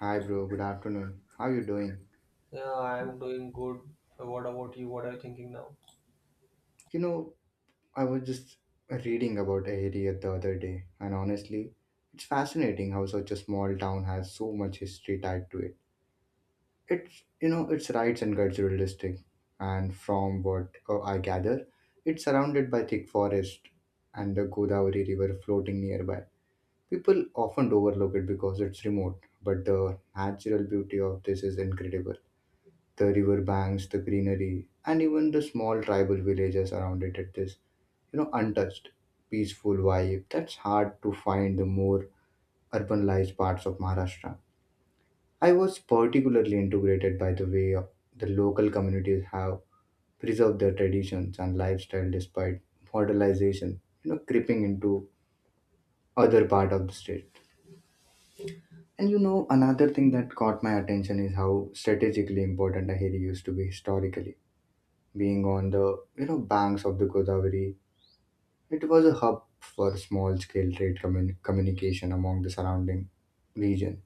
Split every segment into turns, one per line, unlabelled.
Hi, bro. Good afternoon. How you doing?
Yeah, I'm doing good. What about you? What are you thinking now?
You know, I was just reading about a area the other day, and honestly, it's fascinating how such a small town has so much history tied to it. It's its rights and cultural district, and from what I gather, it's surrounded by thick forest and the Godavari River floating nearby. People often overlook it because it's remote, but the natural beauty of this is incredible. The river banks, the greenery, and even the small tribal villages around it at this, untouched, peaceful vibe that's hard to find the more urbanized parts of Maharashtra. I was particularly integrated by the way the local communities have preserved their traditions and lifestyle despite modernization, creeping into other part of the state. And another thing that caught my attention is how strategically important Ahiri used to be historically being on the banks of the Godavari, it was a hub for small-scale communication among the surrounding region.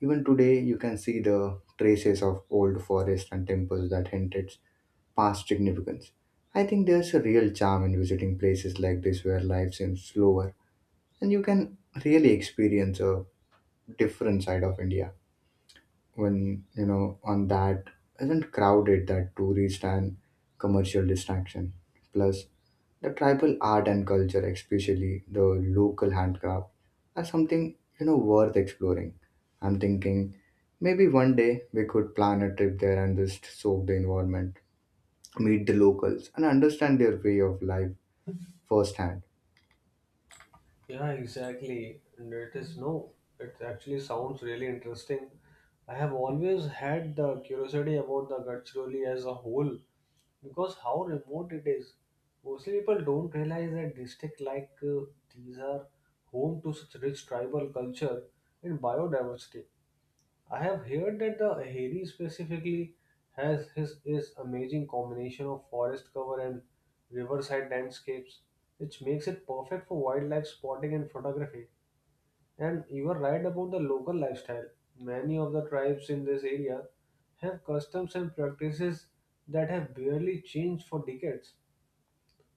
Even today, you can see the traces of old forests and temples that hint its past significance. I think there's a real charm in visiting places like this where life seems slower and you can really experience a different side of India when on that isn't crowded that tourist and commercial distraction. Plus, the tribal art and culture, especially the local handcraft, are something worth exploring. I'm thinking maybe one day we could plan a trip there and just soak the environment, meet the locals, and understand their way of life firsthand.
Yeah, exactly. And it is no. It actually sounds really interesting. I have always had the curiosity about the Gadchiroli as a whole because how remote it is. Mostly people don't realize that district like these are home to such rich tribal culture and biodiversity. I have heard that the Aheri specifically has his is amazing combination of forest cover and riverside landscapes, which makes it perfect for wildlife spotting and photography. And you are right about the local lifestyle. Many of the tribes in this area have customs and practices that have barely changed for decades.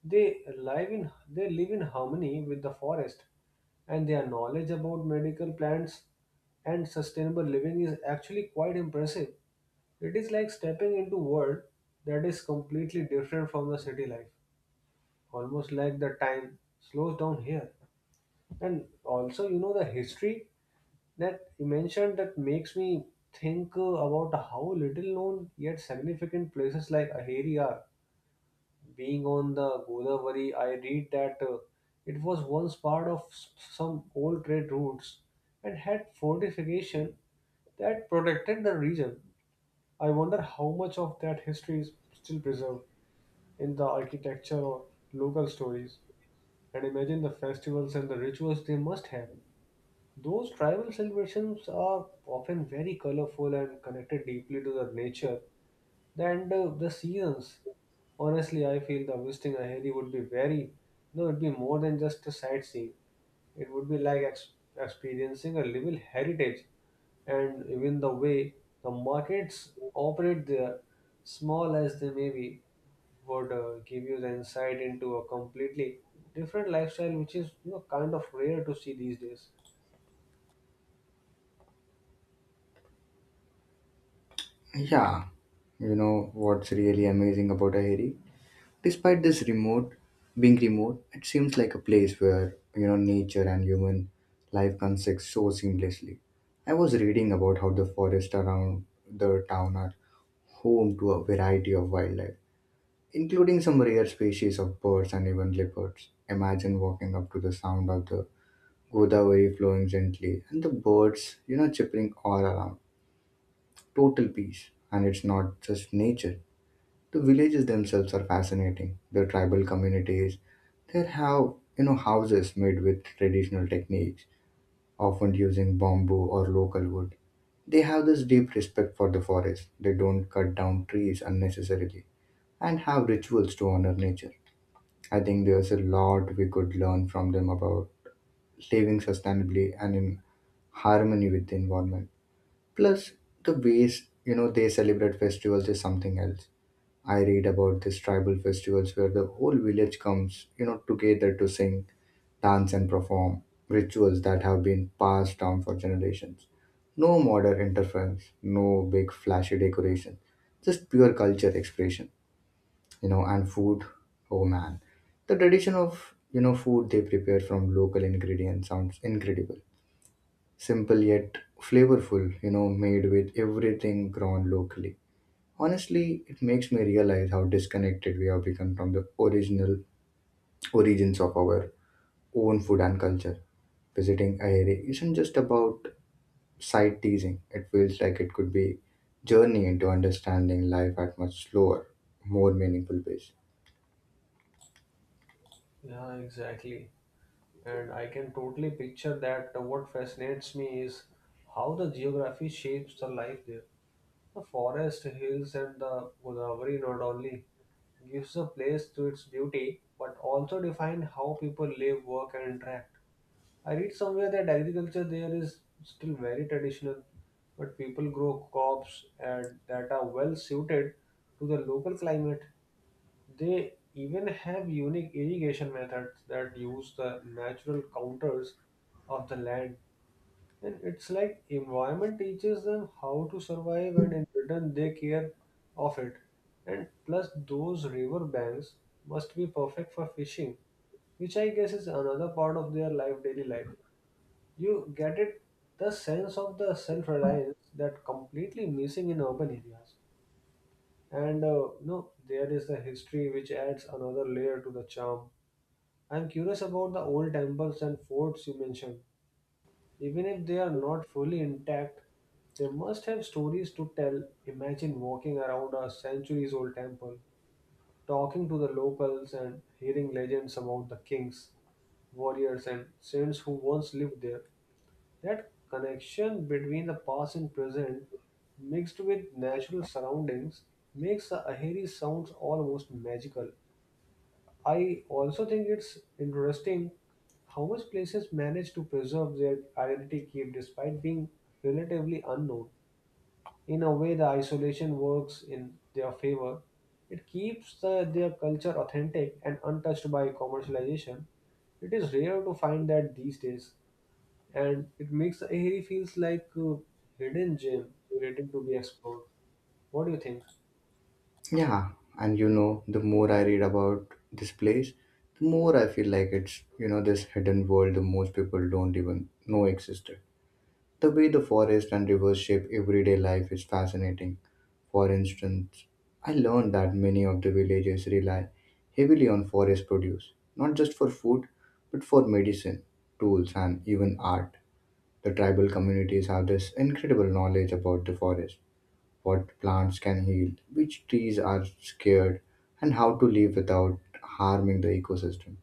They live in harmony with the forest, and their knowledge about medical plants and sustainable living is actually quite impressive. It is like stepping into a world that is completely different from the city life. Almost like the time slows down here. And also, you know, the history that you mentioned that makes me think about how little known yet significant places like Aheri are, being on the Godavari. I read that it was once part of some old trade routes and had fortification that protected the region. I wonder how much of that history is still preserved in the architecture or local stories. And imagine the festivals and the rituals they must have. Those tribal celebrations are often very colorful and connected deeply to the nature, the end of the seasons. Honestly, I feel the visiting a Aheri would be very, no, it'd be more than just a sightseeing. It would be like experiencing a living heritage. And even the way the markets operate there, small as they may be, would give you the insight into a completely different lifestyle, which is you know kind of rare to see these days.
Yeah, you know what's really amazing about Aheri? Despite this remote being remote, it seems like a place where nature and human life coexist so seamlessly. I was reading about how the forests around the town are home to a variety of wildlife, including some rare species of birds and even leopards. Imagine walking up to the sound of the Godavari flowing gently and the birds, chirping all around. Total peace. And it's not just nature. The villages themselves are fascinating. Their tribal communities, they have houses made with traditional techniques, often using bamboo or local wood. They have this deep respect for the forest. They don't cut down trees unnecessarily and have rituals to honor nature. I think there's a lot we could learn from them about living sustainably and in harmony with the environment. Plus, the ways they celebrate festivals is something else. I read about these tribal festivals where the whole village comes, together to sing, dance, and perform rituals that have been passed down for generations. No modern interference, no big flashy decoration, just pure culture expression, and food. Oh man, the tradition of food they prepare from local ingredients sounds incredible. Simple yet flavorful, made with everything grown locally. Honestly, it makes me realize how disconnected we have become from the original origins of our own food and culture. Visiting Aheri isn't just about sight teasing. It feels like it could be journey into understanding life at much slower, more meaningful pace.
Yeah, exactly. And I can totally picture that. What fascinates me is how the geography shapes the life there. The forest, hills, and the Godavari not only gives a place to its beauty, but also define how people live, work, and interact. I read somewhere that agriculture there is still very traditional, but people grow crops and that are well suited to the local climate. They even have unique irrigation methods that use the natural counters of the land. And it's like environment teaches them how to survive and in return they care of it. And plus those river banks must be perfect for fishing, which I guess is another part of their life daily life. You get it the sense of the self-reliance that completely missing in urban areas. And no, there is the history which adds another layer to the charm. I'm curious about the old temples and forts you mentioned. Even if they are not fully intact, they must have stories to tell. Imagine walking around a centuries old temple, talking to the locals and hearing legends about the kings, warriors, and saints who once lived there. That connection between the past and present, mixed with natural surroundings, makes the Ahiri sounds almost magical. I also think it's interesting how much places manage to preserve their identity keep despite being relatively unknown. In a way, the isolation works in their favor. It keeps the, their culture authentic and untouched by commercialization. It is rare to find that these days, and it makes Ahiri feels like a hidden gem waiting to be explored. What do you think?
Yeah, and the more I read about this place, the more I feel like it's this hidden world the most people don't even know existed. The way the forest and rivers shape everyday life is fascinating. For instance, I learned that many of the villages rely heavily on forest produce, not just for food, but for medicine, tools, and even art. The tribal communities have this incredible knowledge about the forest, what plants can heal, which trees are scared, and how to live without harming the ecosystem.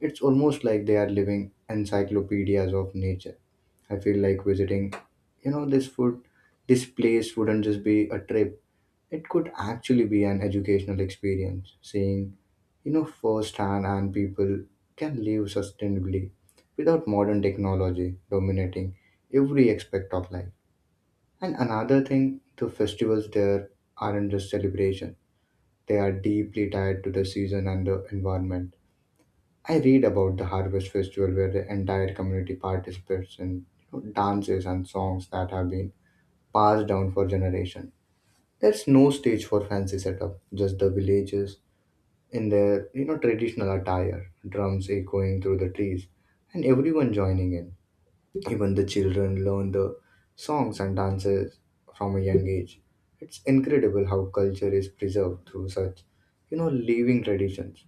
It's almost like they are living encyclopedias of nature. I feel like visiting, this food, this place wouldn't just be a trip. It could actually be an educational experience, seeing, firsthand and people can live sustainably without modern technology dominating every aspect of life. And another thing, the festivals there aren't just celebration. They are deeply tied to the season and the environment. I read about the harvest festival where the entire community participates in dances and songs that have been passed down for generation. There's no stage for fancy setup, just the villagers in their traditional attire, drums echoing through the trees, and everyone joining in. Even the children learn the songs and dances from a young age. It's incredible how culture is preserved through such, living traditions.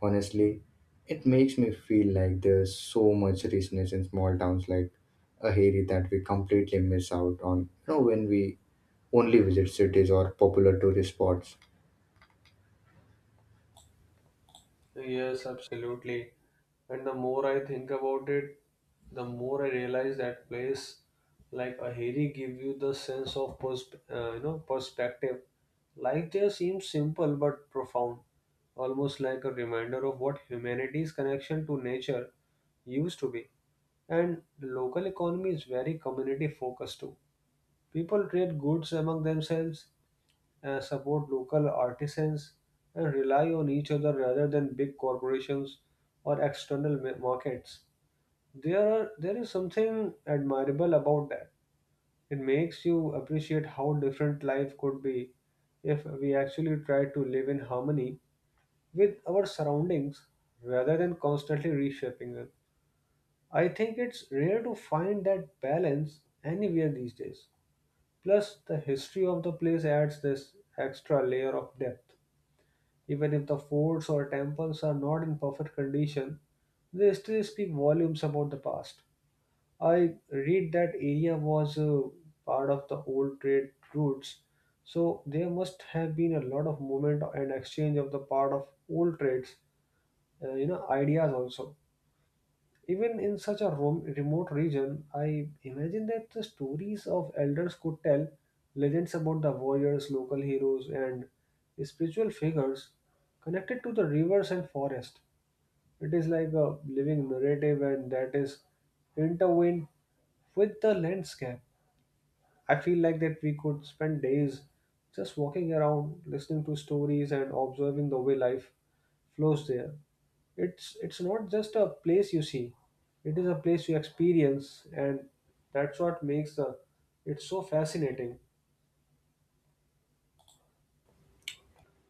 Honestly, it makes me feel like there's so much richness in small towns like Aheri that we completely miss out on, when we only visit cities or popular tourist spots.
Yes, absolutely. And the more I think about it, the more I realize that place like Ahiri give you the sense of you know perspective. Life there seems simple but profound, almost like a reminder of what humanity's connection to nature used to be. And local economy is very community focused too. People trade goods among themselves, support local artisans, and rely on each other rather than big corporations or external markets. There is something admirable about that. It makes you appreciate how different life could be if we actually tried to live in harmony with our surroundings rather than constantly reshaping them. I think it's rare to find that balance anywhere these days. Plus, the history of the place adds this extra layer of depth. Even if the forts or temples are not in perfect condition, they still speak volumes about the past. I read that area was part of the old trade routes, so there must have been a lot of movement and exchange of the part of old trades, you know, ideas also. Even in such a remote region, I imagine that the stories of elders could tell legends about the warriors, local heroes, and spiritual figures connected to the rivers and forest. It is like a living narrative, and that is intertwined with the landscape. I feel like that we could spend days just walking around, listening to stories, and observing the way life flows there. It's not just a place you see, it is a place you experience, and that's what makes the it's so fascinating.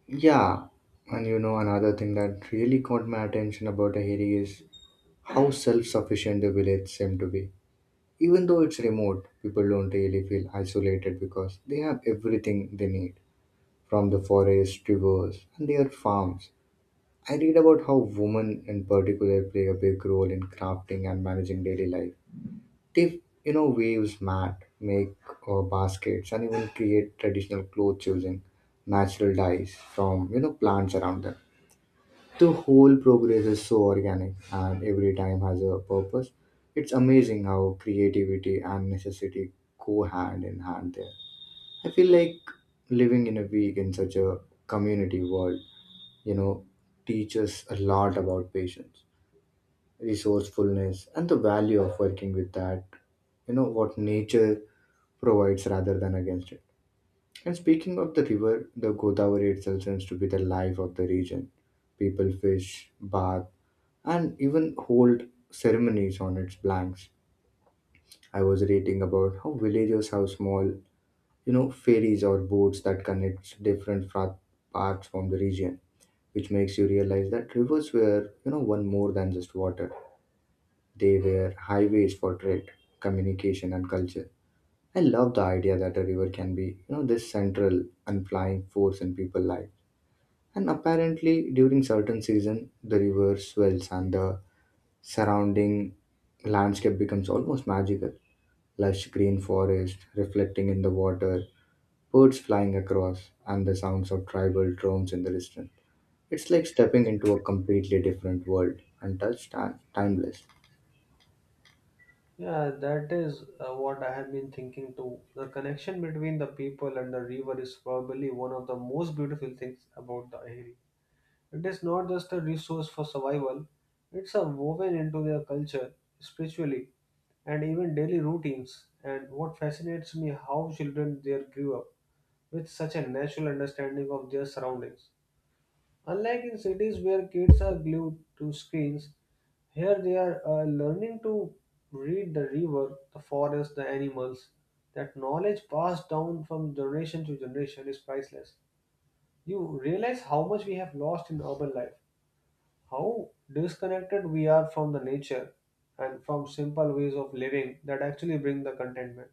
Yeah, and another thing that really caught my attention about Aheri is how self sufficient the village seemed to be. Even though it's remote, people don't really feel isolated because they have everything they need from the forest, rivers, and their farms. I read about how women in particular play a big role in crafting and managing daily life. They, weaves mat, make baskets, and even create traditional clothes using natural dyes from, plants around them. The whole progress is so organic and every time has a purpose. It's amazing how creativity and necessity go hand in hand there. I feel like living in a week in such a community world, you know, teaches a lot about patience, resourcefulness, and the value of working with that what nature provides rather than against it. And speaking of the river, the Godavari itself seems to be the life of the region. People fish, bathe, and even hold ceremonies on its banks. I was reading about how villagers have small, ferries or boats that connects parts from the region, which makes you realize that rivers were, one more than just water. They were highways for trade, communication, and culture. I love the idea that a river can be, this central unflying force in people's life. And apparently, during certain season, the river swells and the surrounding landscape becomes almost magical, lush green forest reflecting in the water, birds flying across, and the sounds of tribal drums in the distance. It's like stepping into a completely different world, untouched and timeless.
Yeah, that is what I have been thinking too. The connection between the people and the river is probably one of the most beautiful things about the area. It is not just a resource for survival, it's a woven into their culture, spiritually, and even daily routines. And what fascinates me how children there grew up with such a natural understanding of their surroundings. Unlike in cities where kids are glued to screens, here they are learning to read the river, the forest, the animals. That knowledge passed down from generation to generation is priceless. You realize how much we have lost in urban life, how disconnected we are from the nature and from simple ways of living that actually bring the contentment.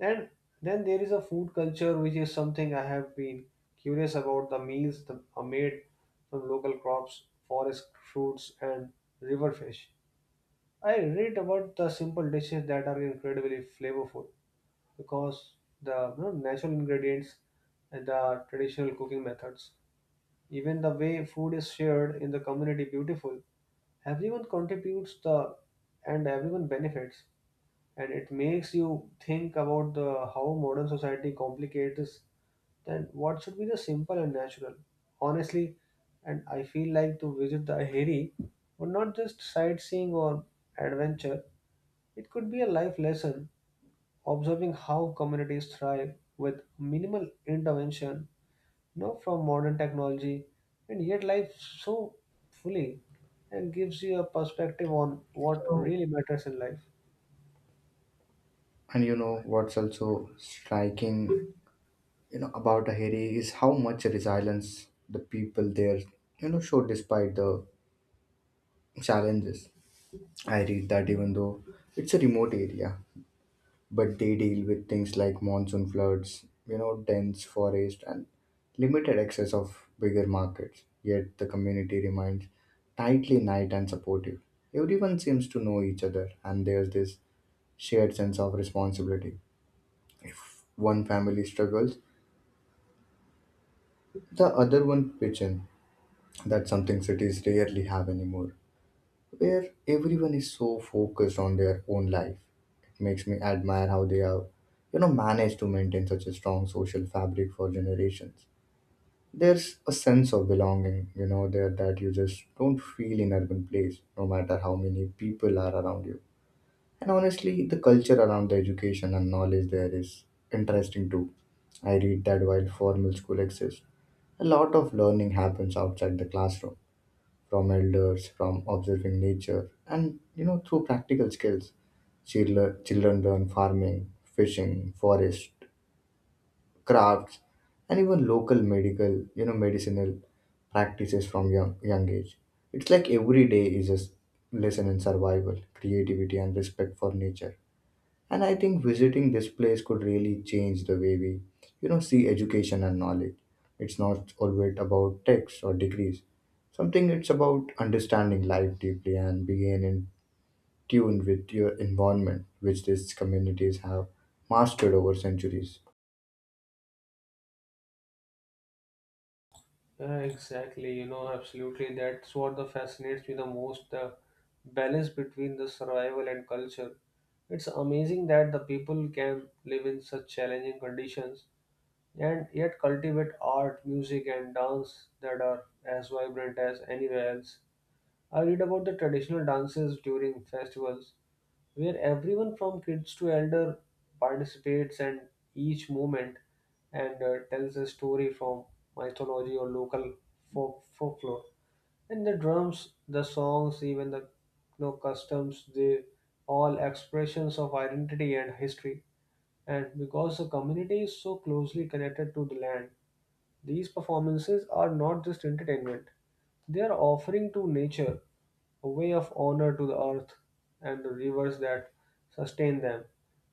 And then there is a food culture, which is something I have been curious about. The meals that are made from local crops, forest fruits, and river fish. I read about the simple dishes that are incredibly flavorful because the you know, natural ingredients and the traditional cooking methods. Even the way food is shared in the community beautiful. Everyone contributes the and everyone benefits. And it makes you think about the how modern society complicates then what should be the simple and natural? Honestly, and I feel like to visit the Aheri would not just sightseeing or adventure, it could be a life lesson, observing how communities thrive with minimal intervention you know, from modern technology, and yet life so fully and gives you a perspective on what
So,
really matters in life.
and what's also striking about Aheri is how much resilience the people there show despite the challenges. I read that even though it's a remote area, but they deal with things like monsoon floods, dense forest, and limited access of bigger markets. Yet the community remains tightly knit and supportive. Everyone seems to know each other, and there's this shared sense of responsibility. If one family struggles, the other one pitches in. That's something cities rarely have anymore, where everyone is so focused on their own life. It makes me admire how they have, managed to maintain such a strong social fabric for generations. There's a sense of belonging, there that you just don't feel in urban place, no matter how many people are around you. And honestly, the culture around the education and knowledge there is interesting too. I read that while formal school exists, a lot of learning happens outside the classroom from elders, from observing nature, and through practical skills. Children learn farming, fishing, forest, crafts, and even local medical, medicinal practices from young age. It's like every day is lesson in survival, creativity, and respect for nature. And I think visiting this place could really change the way we, see education and knowledge. It's not always about texts or degrees. Something it's about understanding life deeply and being in tune with your environment, which these communities have mastered over centuries.
Yeah, exactly. You know, absolutely. That's what the fascinates me the most, the balance between the survival and culture. It's amazing that the people can live in such challenging conditions and yet cultivate art, music, and dance that are as vibrant as anywhere else. I read about the traditional dances during festivals where everyone from kids to elder participates, and each movement and tells a story from mythology or local folklore, and the drums, the songs, even the you know, customs, they all expressions of identity and history. And because the community is so closely connected to the land, these performances are not just entertainment, they are offering to nature, a way of honor to the earth and the rivers that sustain them.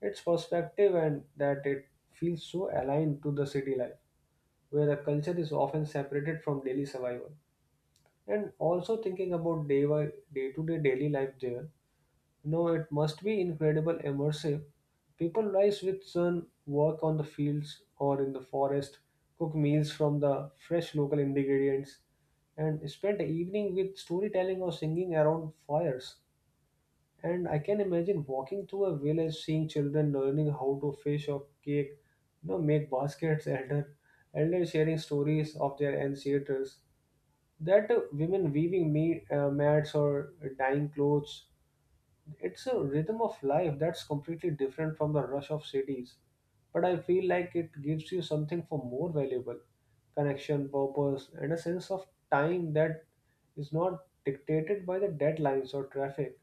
It's perspective and that it feels so aligned to the city life, where the culture is often separated from daily survival. And also thinking about day to day daily life there, no, it must be incredible immersive. People rise with sun, work on the fields or in the forest, cook meals from the fresh local ingredients, and spend the evening with storytelling or singing around fires. And I can imagine walking through a village, seeing children learning how to fish or cake, you know, make baskets, elder sharing stories of their ancestors. That women weaving me mats or dyeing clothes, it's a rhythm of life that's completely different from the rush of cities. But I feel like it gives you something for more valuable connection, purpose, and a sense of time that is not dictated by the deadlines or traffic.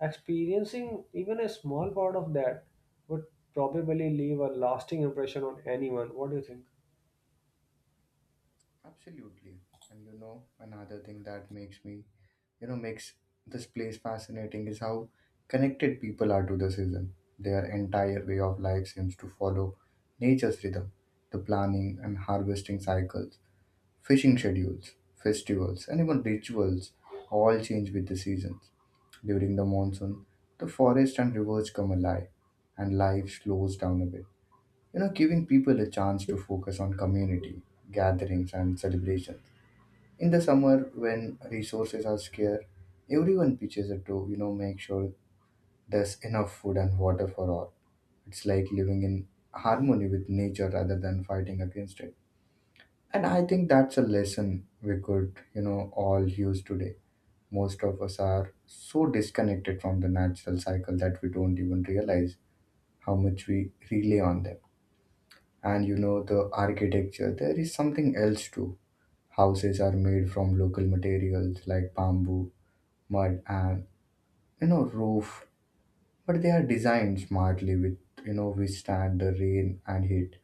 Experiencing even a small part of that would probably leave a lasting impression on anyone. What do you think?
Absolutely. And another thing that makes me you know makes this place fascinating is how connected people are to the season. Their entire way of life seems to follow nature's rhythm, the planning and harvesting cycles, fishing schedules, festivals, and even rituals all change with the seasons. During the monsoon, the forest and rivers come alive, and life slows down a bit. Giving people a chance to focus on community, gatherings, and celebrations in the summer, when resources are scarce, everyone pitches in to make sure there's enough food and water for all. It's like living in harmony with nature rather than fighting against it. And I think that's a lesson we could all use today. Most of us are so disconnected from the natural cycle that we don't even realize how much we rely on them. And the architecture, there is something else too. Houses are made from local materials like bamboo mud and roof, but they are designed smartly with, withstand the rain and heat.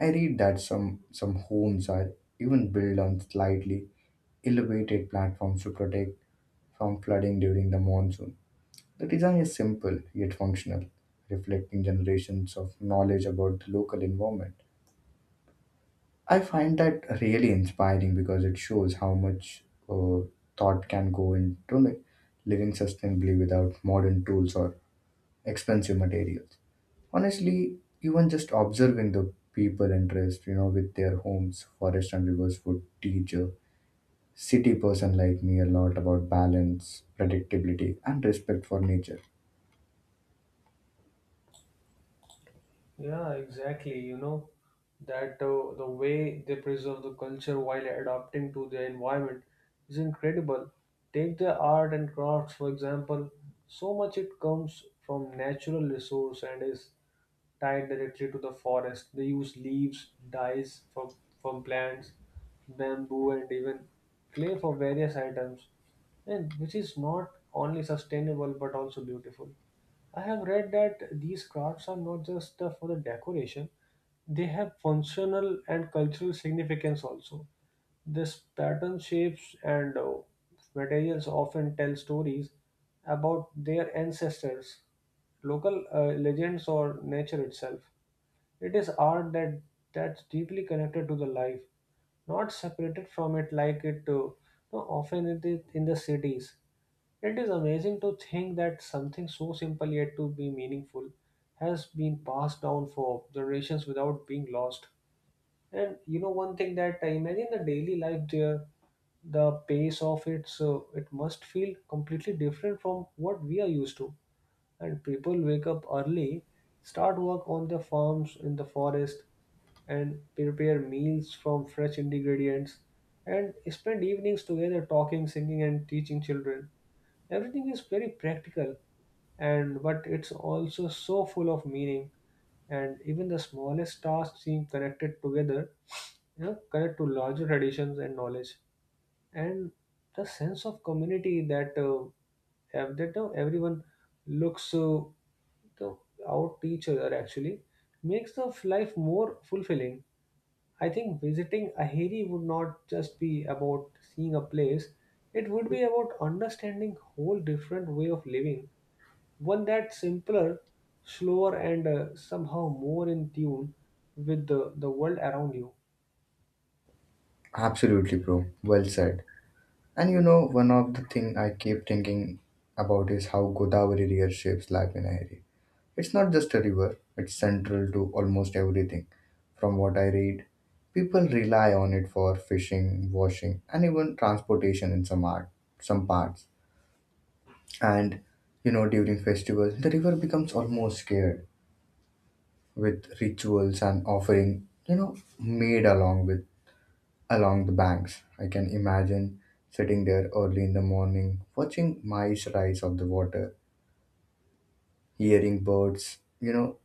I read that some homes are even built on slightly elevated platforms to protect from flooding during the monsoon. The design is simple yet functional, reflecting generations of knowledge about the local environment. I find that really inspiring because it shows how much uh, thought can go into living sustainably without modern tools or expensive materials. Honestly, even just observing the people interest, with their homes, forest and rivers would teach a city person like me a lot about balance, predictability, and respect for nature.
Yeah, exactly. You know, that the way they preserve the culture while adapting to their environment is incredible. Take the art and crafts, for example. So much it comes from natural resource and is tied directly to the forest. They use leaves, from plants, bamboo, and even clay for various items, and which is not only sustainable but also beautiful. I have read that these crafts are not just for the decoration, they have functional and cultural significance also. This pattern, shapes, and materials often tell stories about their ancestors, local legends or nature itself. It is art that that's deeply connected to the life, not separated from it like it no, often it is in the cities. It is amazing to think that something so simple yet to be meaningful has been passed down for generations without being lost. And you know one thing that I imagine the daily life there, the pace of it, so it must feel completely different from what we are used to, and people wake up early, start work on their farms in the forest, and prepare meals from fresh ingredients, and spend evenings together talking, singing, and teaching children. Everything is very practical, and but it's also so full of meaning, and even the smallest tasks seem connected together, you know, connect to larger traditions and knowledge, and the sense of community that have that everyone looks to out each other actually makes the life more fulfilling. I think visiting Aheri would not just be about seeing a place; it would be about understanding whole different way of living, one that's simpler, slower, and somehow more in tune with the world around you.
Absolutely, bro. Well said. And you know, one of the thing I keep thinking about is how Godavari reshapes life in a hurry. It's not just a river, it's central to almost everything. From what I read, people rely on it for fishing, washing, and even transportation in some parts. And you know, during festivals, the river becomes almost scared, with rituals and offering, made along with along the banks. I can imagine sitting there early in the morning, watching mice rise off the water, hearing birds,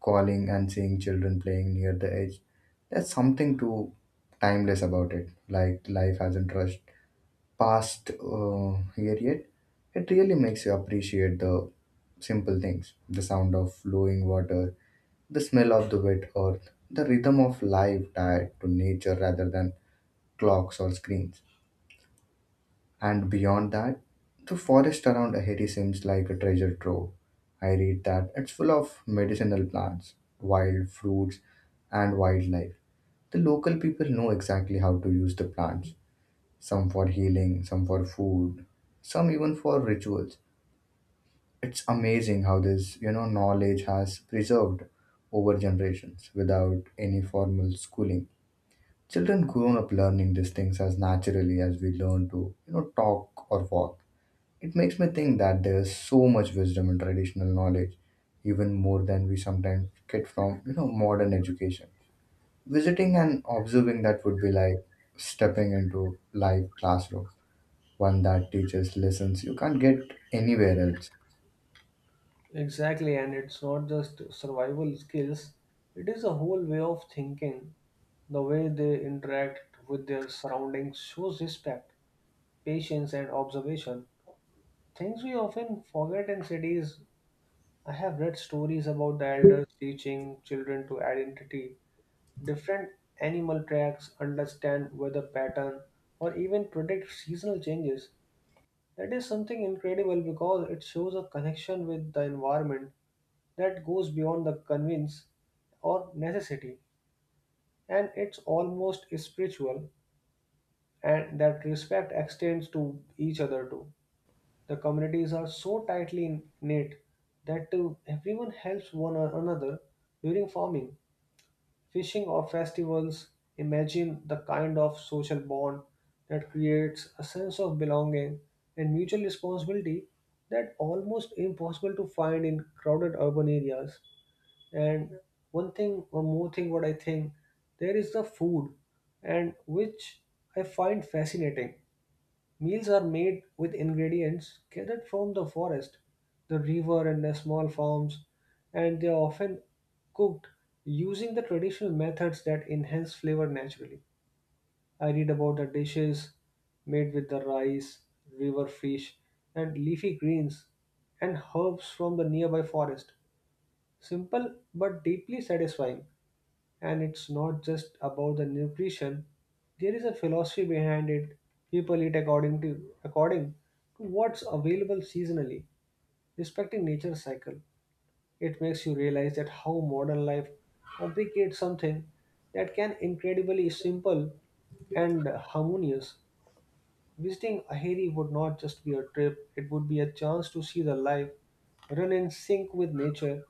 calling, and seeing children playing near the edge. There's something too timeless about it, like life hasn't rushed past here yet. It really makes you appreciate the simple things, the sound of flowing water, the smell of the wet earth, the rhythm of life tied to nature rather than clocks or screens. And beyond that, the forest around Ahiti seems like a treasure trove. I read that it's full of medicinal plants, wild fruits, and wildlife. The local people know exactly how to use the plants, some for healing, some for food, some even for rituals. It's amazing how this, knowledge has preserved over generations without any formal schooling. Children grown up learning these things as naturally as we learn to, talk or walk. It makes me think that there is so much wisdom in traditional knowledge, even more than we sometimes get from modern education. Visiting and observing that would be like stepping into live classroom, one that teaches lessons you can't get anywhere else.
Exactly, and it's not just survival skills, it is a whole way of thinking. The way they interact with their surroundings shows respect, patience, and observation. Things we often forget in cities. I have read stories about the elders teaching children to identity, different animal tracks, understand weather pattern, or even predict seasonal changes. That is something incredible because it shows a connection with the environment that goes beyond the convince or necessity, and it's almost spiritual, and that respect extends to each other too. The communities are so tightly knit that everyone helps one another during farming, fishing, or festivals. Imagine the kind of social bond that creates a sense of belonging and mutual responsibility that almost impossible to find in crowded urban areas. And one more thing, what I think, there is the food, and which I find fascinating. Meals are made with ingredients gathered from the forest, the river, and the small farms, and they are often cooked using the traditional methods that enhance flavor naturally. I read about the dishes made with the rice, river fish, and leafy greens and herbs from the nearby forest. Simple but deeply satisfying, and it's not just about the nutrition. There is a philosophy behind it. People eat according to what's available seasonally, respecting nature's cycle. It makes you realize that how modern life complicates something that can incredibly simple and harmonious. Visiting Aheri would not just be a trip, it would be a chance to see the life run in sync with nature,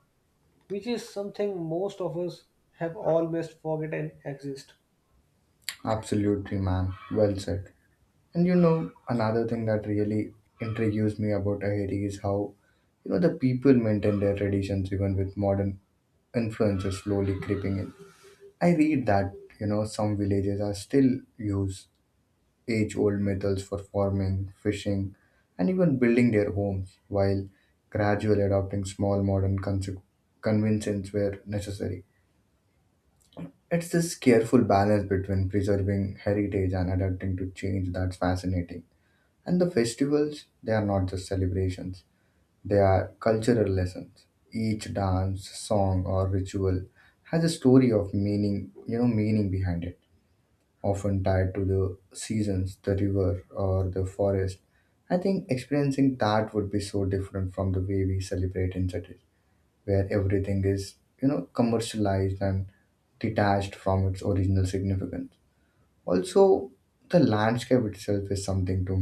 which is something most of us have almost forgotten exist.
Absolutely, man. Well said. And you know, another thing that really intrigues me about Tahiti is how the people maintain their traditions even with modern influences slowly creeping in. I read that some villages are still use age-old methods for farming, fishing, and even building their homes, while gradually adopting small modern conventions where necessary. It's this careful balance between preserving heritage and adapting to change that's fascinating. And the festivals, they are not just celebrations; they are cultural lessons. Each dance, song, or ritual has a story of meaning, meaning behind it, often tied to the seasons, the river, or the forest. I think experiencing that would be so different from the way we celebrate in cities, where everything is, commercialized and detached from its original significance. Also, the landscape itself is something to,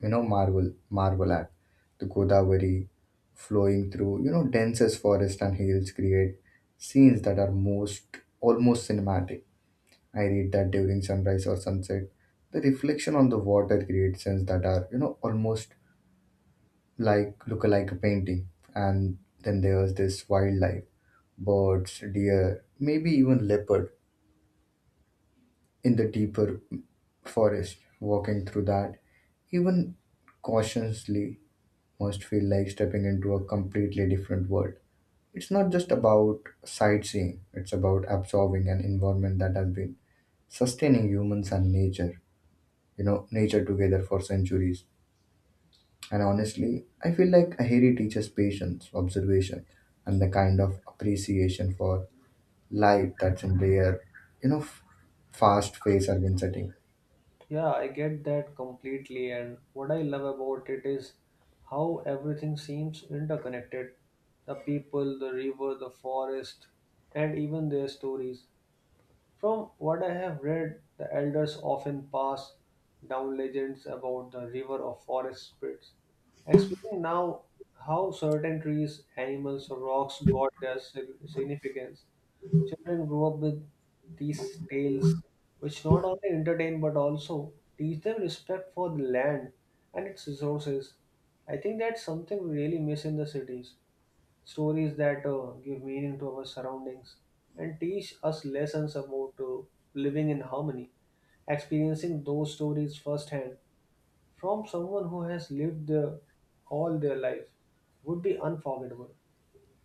marvel at. The Godavari flowing through, densest forest and hills create scenes that are most almost cinematic. I read that during sunrise or sunset, the reflection on the water creates scenes that are, almost like look like a painting. And then there's this wildlife, birds, deer, maybe even leopard in the deeper forest. Walking through that, even cautiously, must feel like stepping into a completely different world. It's not just about sightseeing; it's about absorbing an environment that has been sustaining humans and nature, nature together for centuries. And honestly, I feel like Aheri teaches patience, observation, and the kind of appreciation for life that's in their, you know fast paced urban setting.
Yeah, I get that completely. And what I love about it is how everything seems interconnected, the people, the river, the forest, and even their stories. From what I have read, the elders often pass down legends about the river of forest spirits, explaining now how certain trees, animals, or rocks got their significance. Children grow up with these tales, which not only entertain but also teach them respect for the land and its resources. I think that's something we really miss in the cities, stories that give meaning to our surroundings and teach us lessons about living in harmony. Experiencing those stories firsthand from someone who has lived all their life would be unforgettable.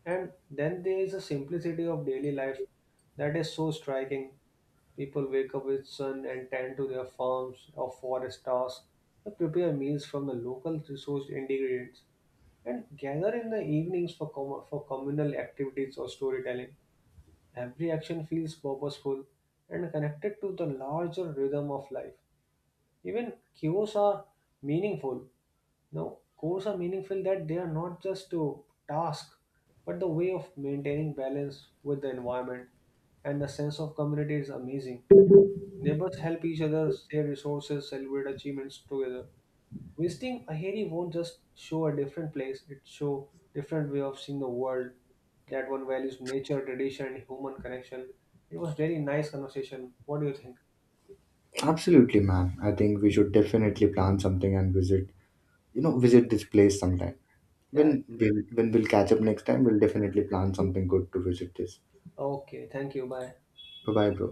And then there is a simplicity of daily life that is so striking. People wake up with sun and tend to their farms or forest tasks, or prepare meals from the local resourced ingredients, and gather in the evenings for communal activities or storytelling. Every action feels purposeful and connected to the larger rhythm of life. Even chaos are meaningful now, goals are meaningful that they are not just a task, but the way of maintaining balance with the environment. And the sense of community is amazing. Neighbors help each other, share resources, celebrate achievements together. Visiting Aheri won't just show a different place, it show different way of seeing the world, that one values nature, tradition, and human connection. It was very nice conversation. What do you think?
Absolutely, man. I think we should definitely plan something and visit, visit this place sometime.
Yeah.
When we'll catch up next time, we'll definitely plan something good to visit this.
Okay. Thank you. Bye.
Bye bye, bro.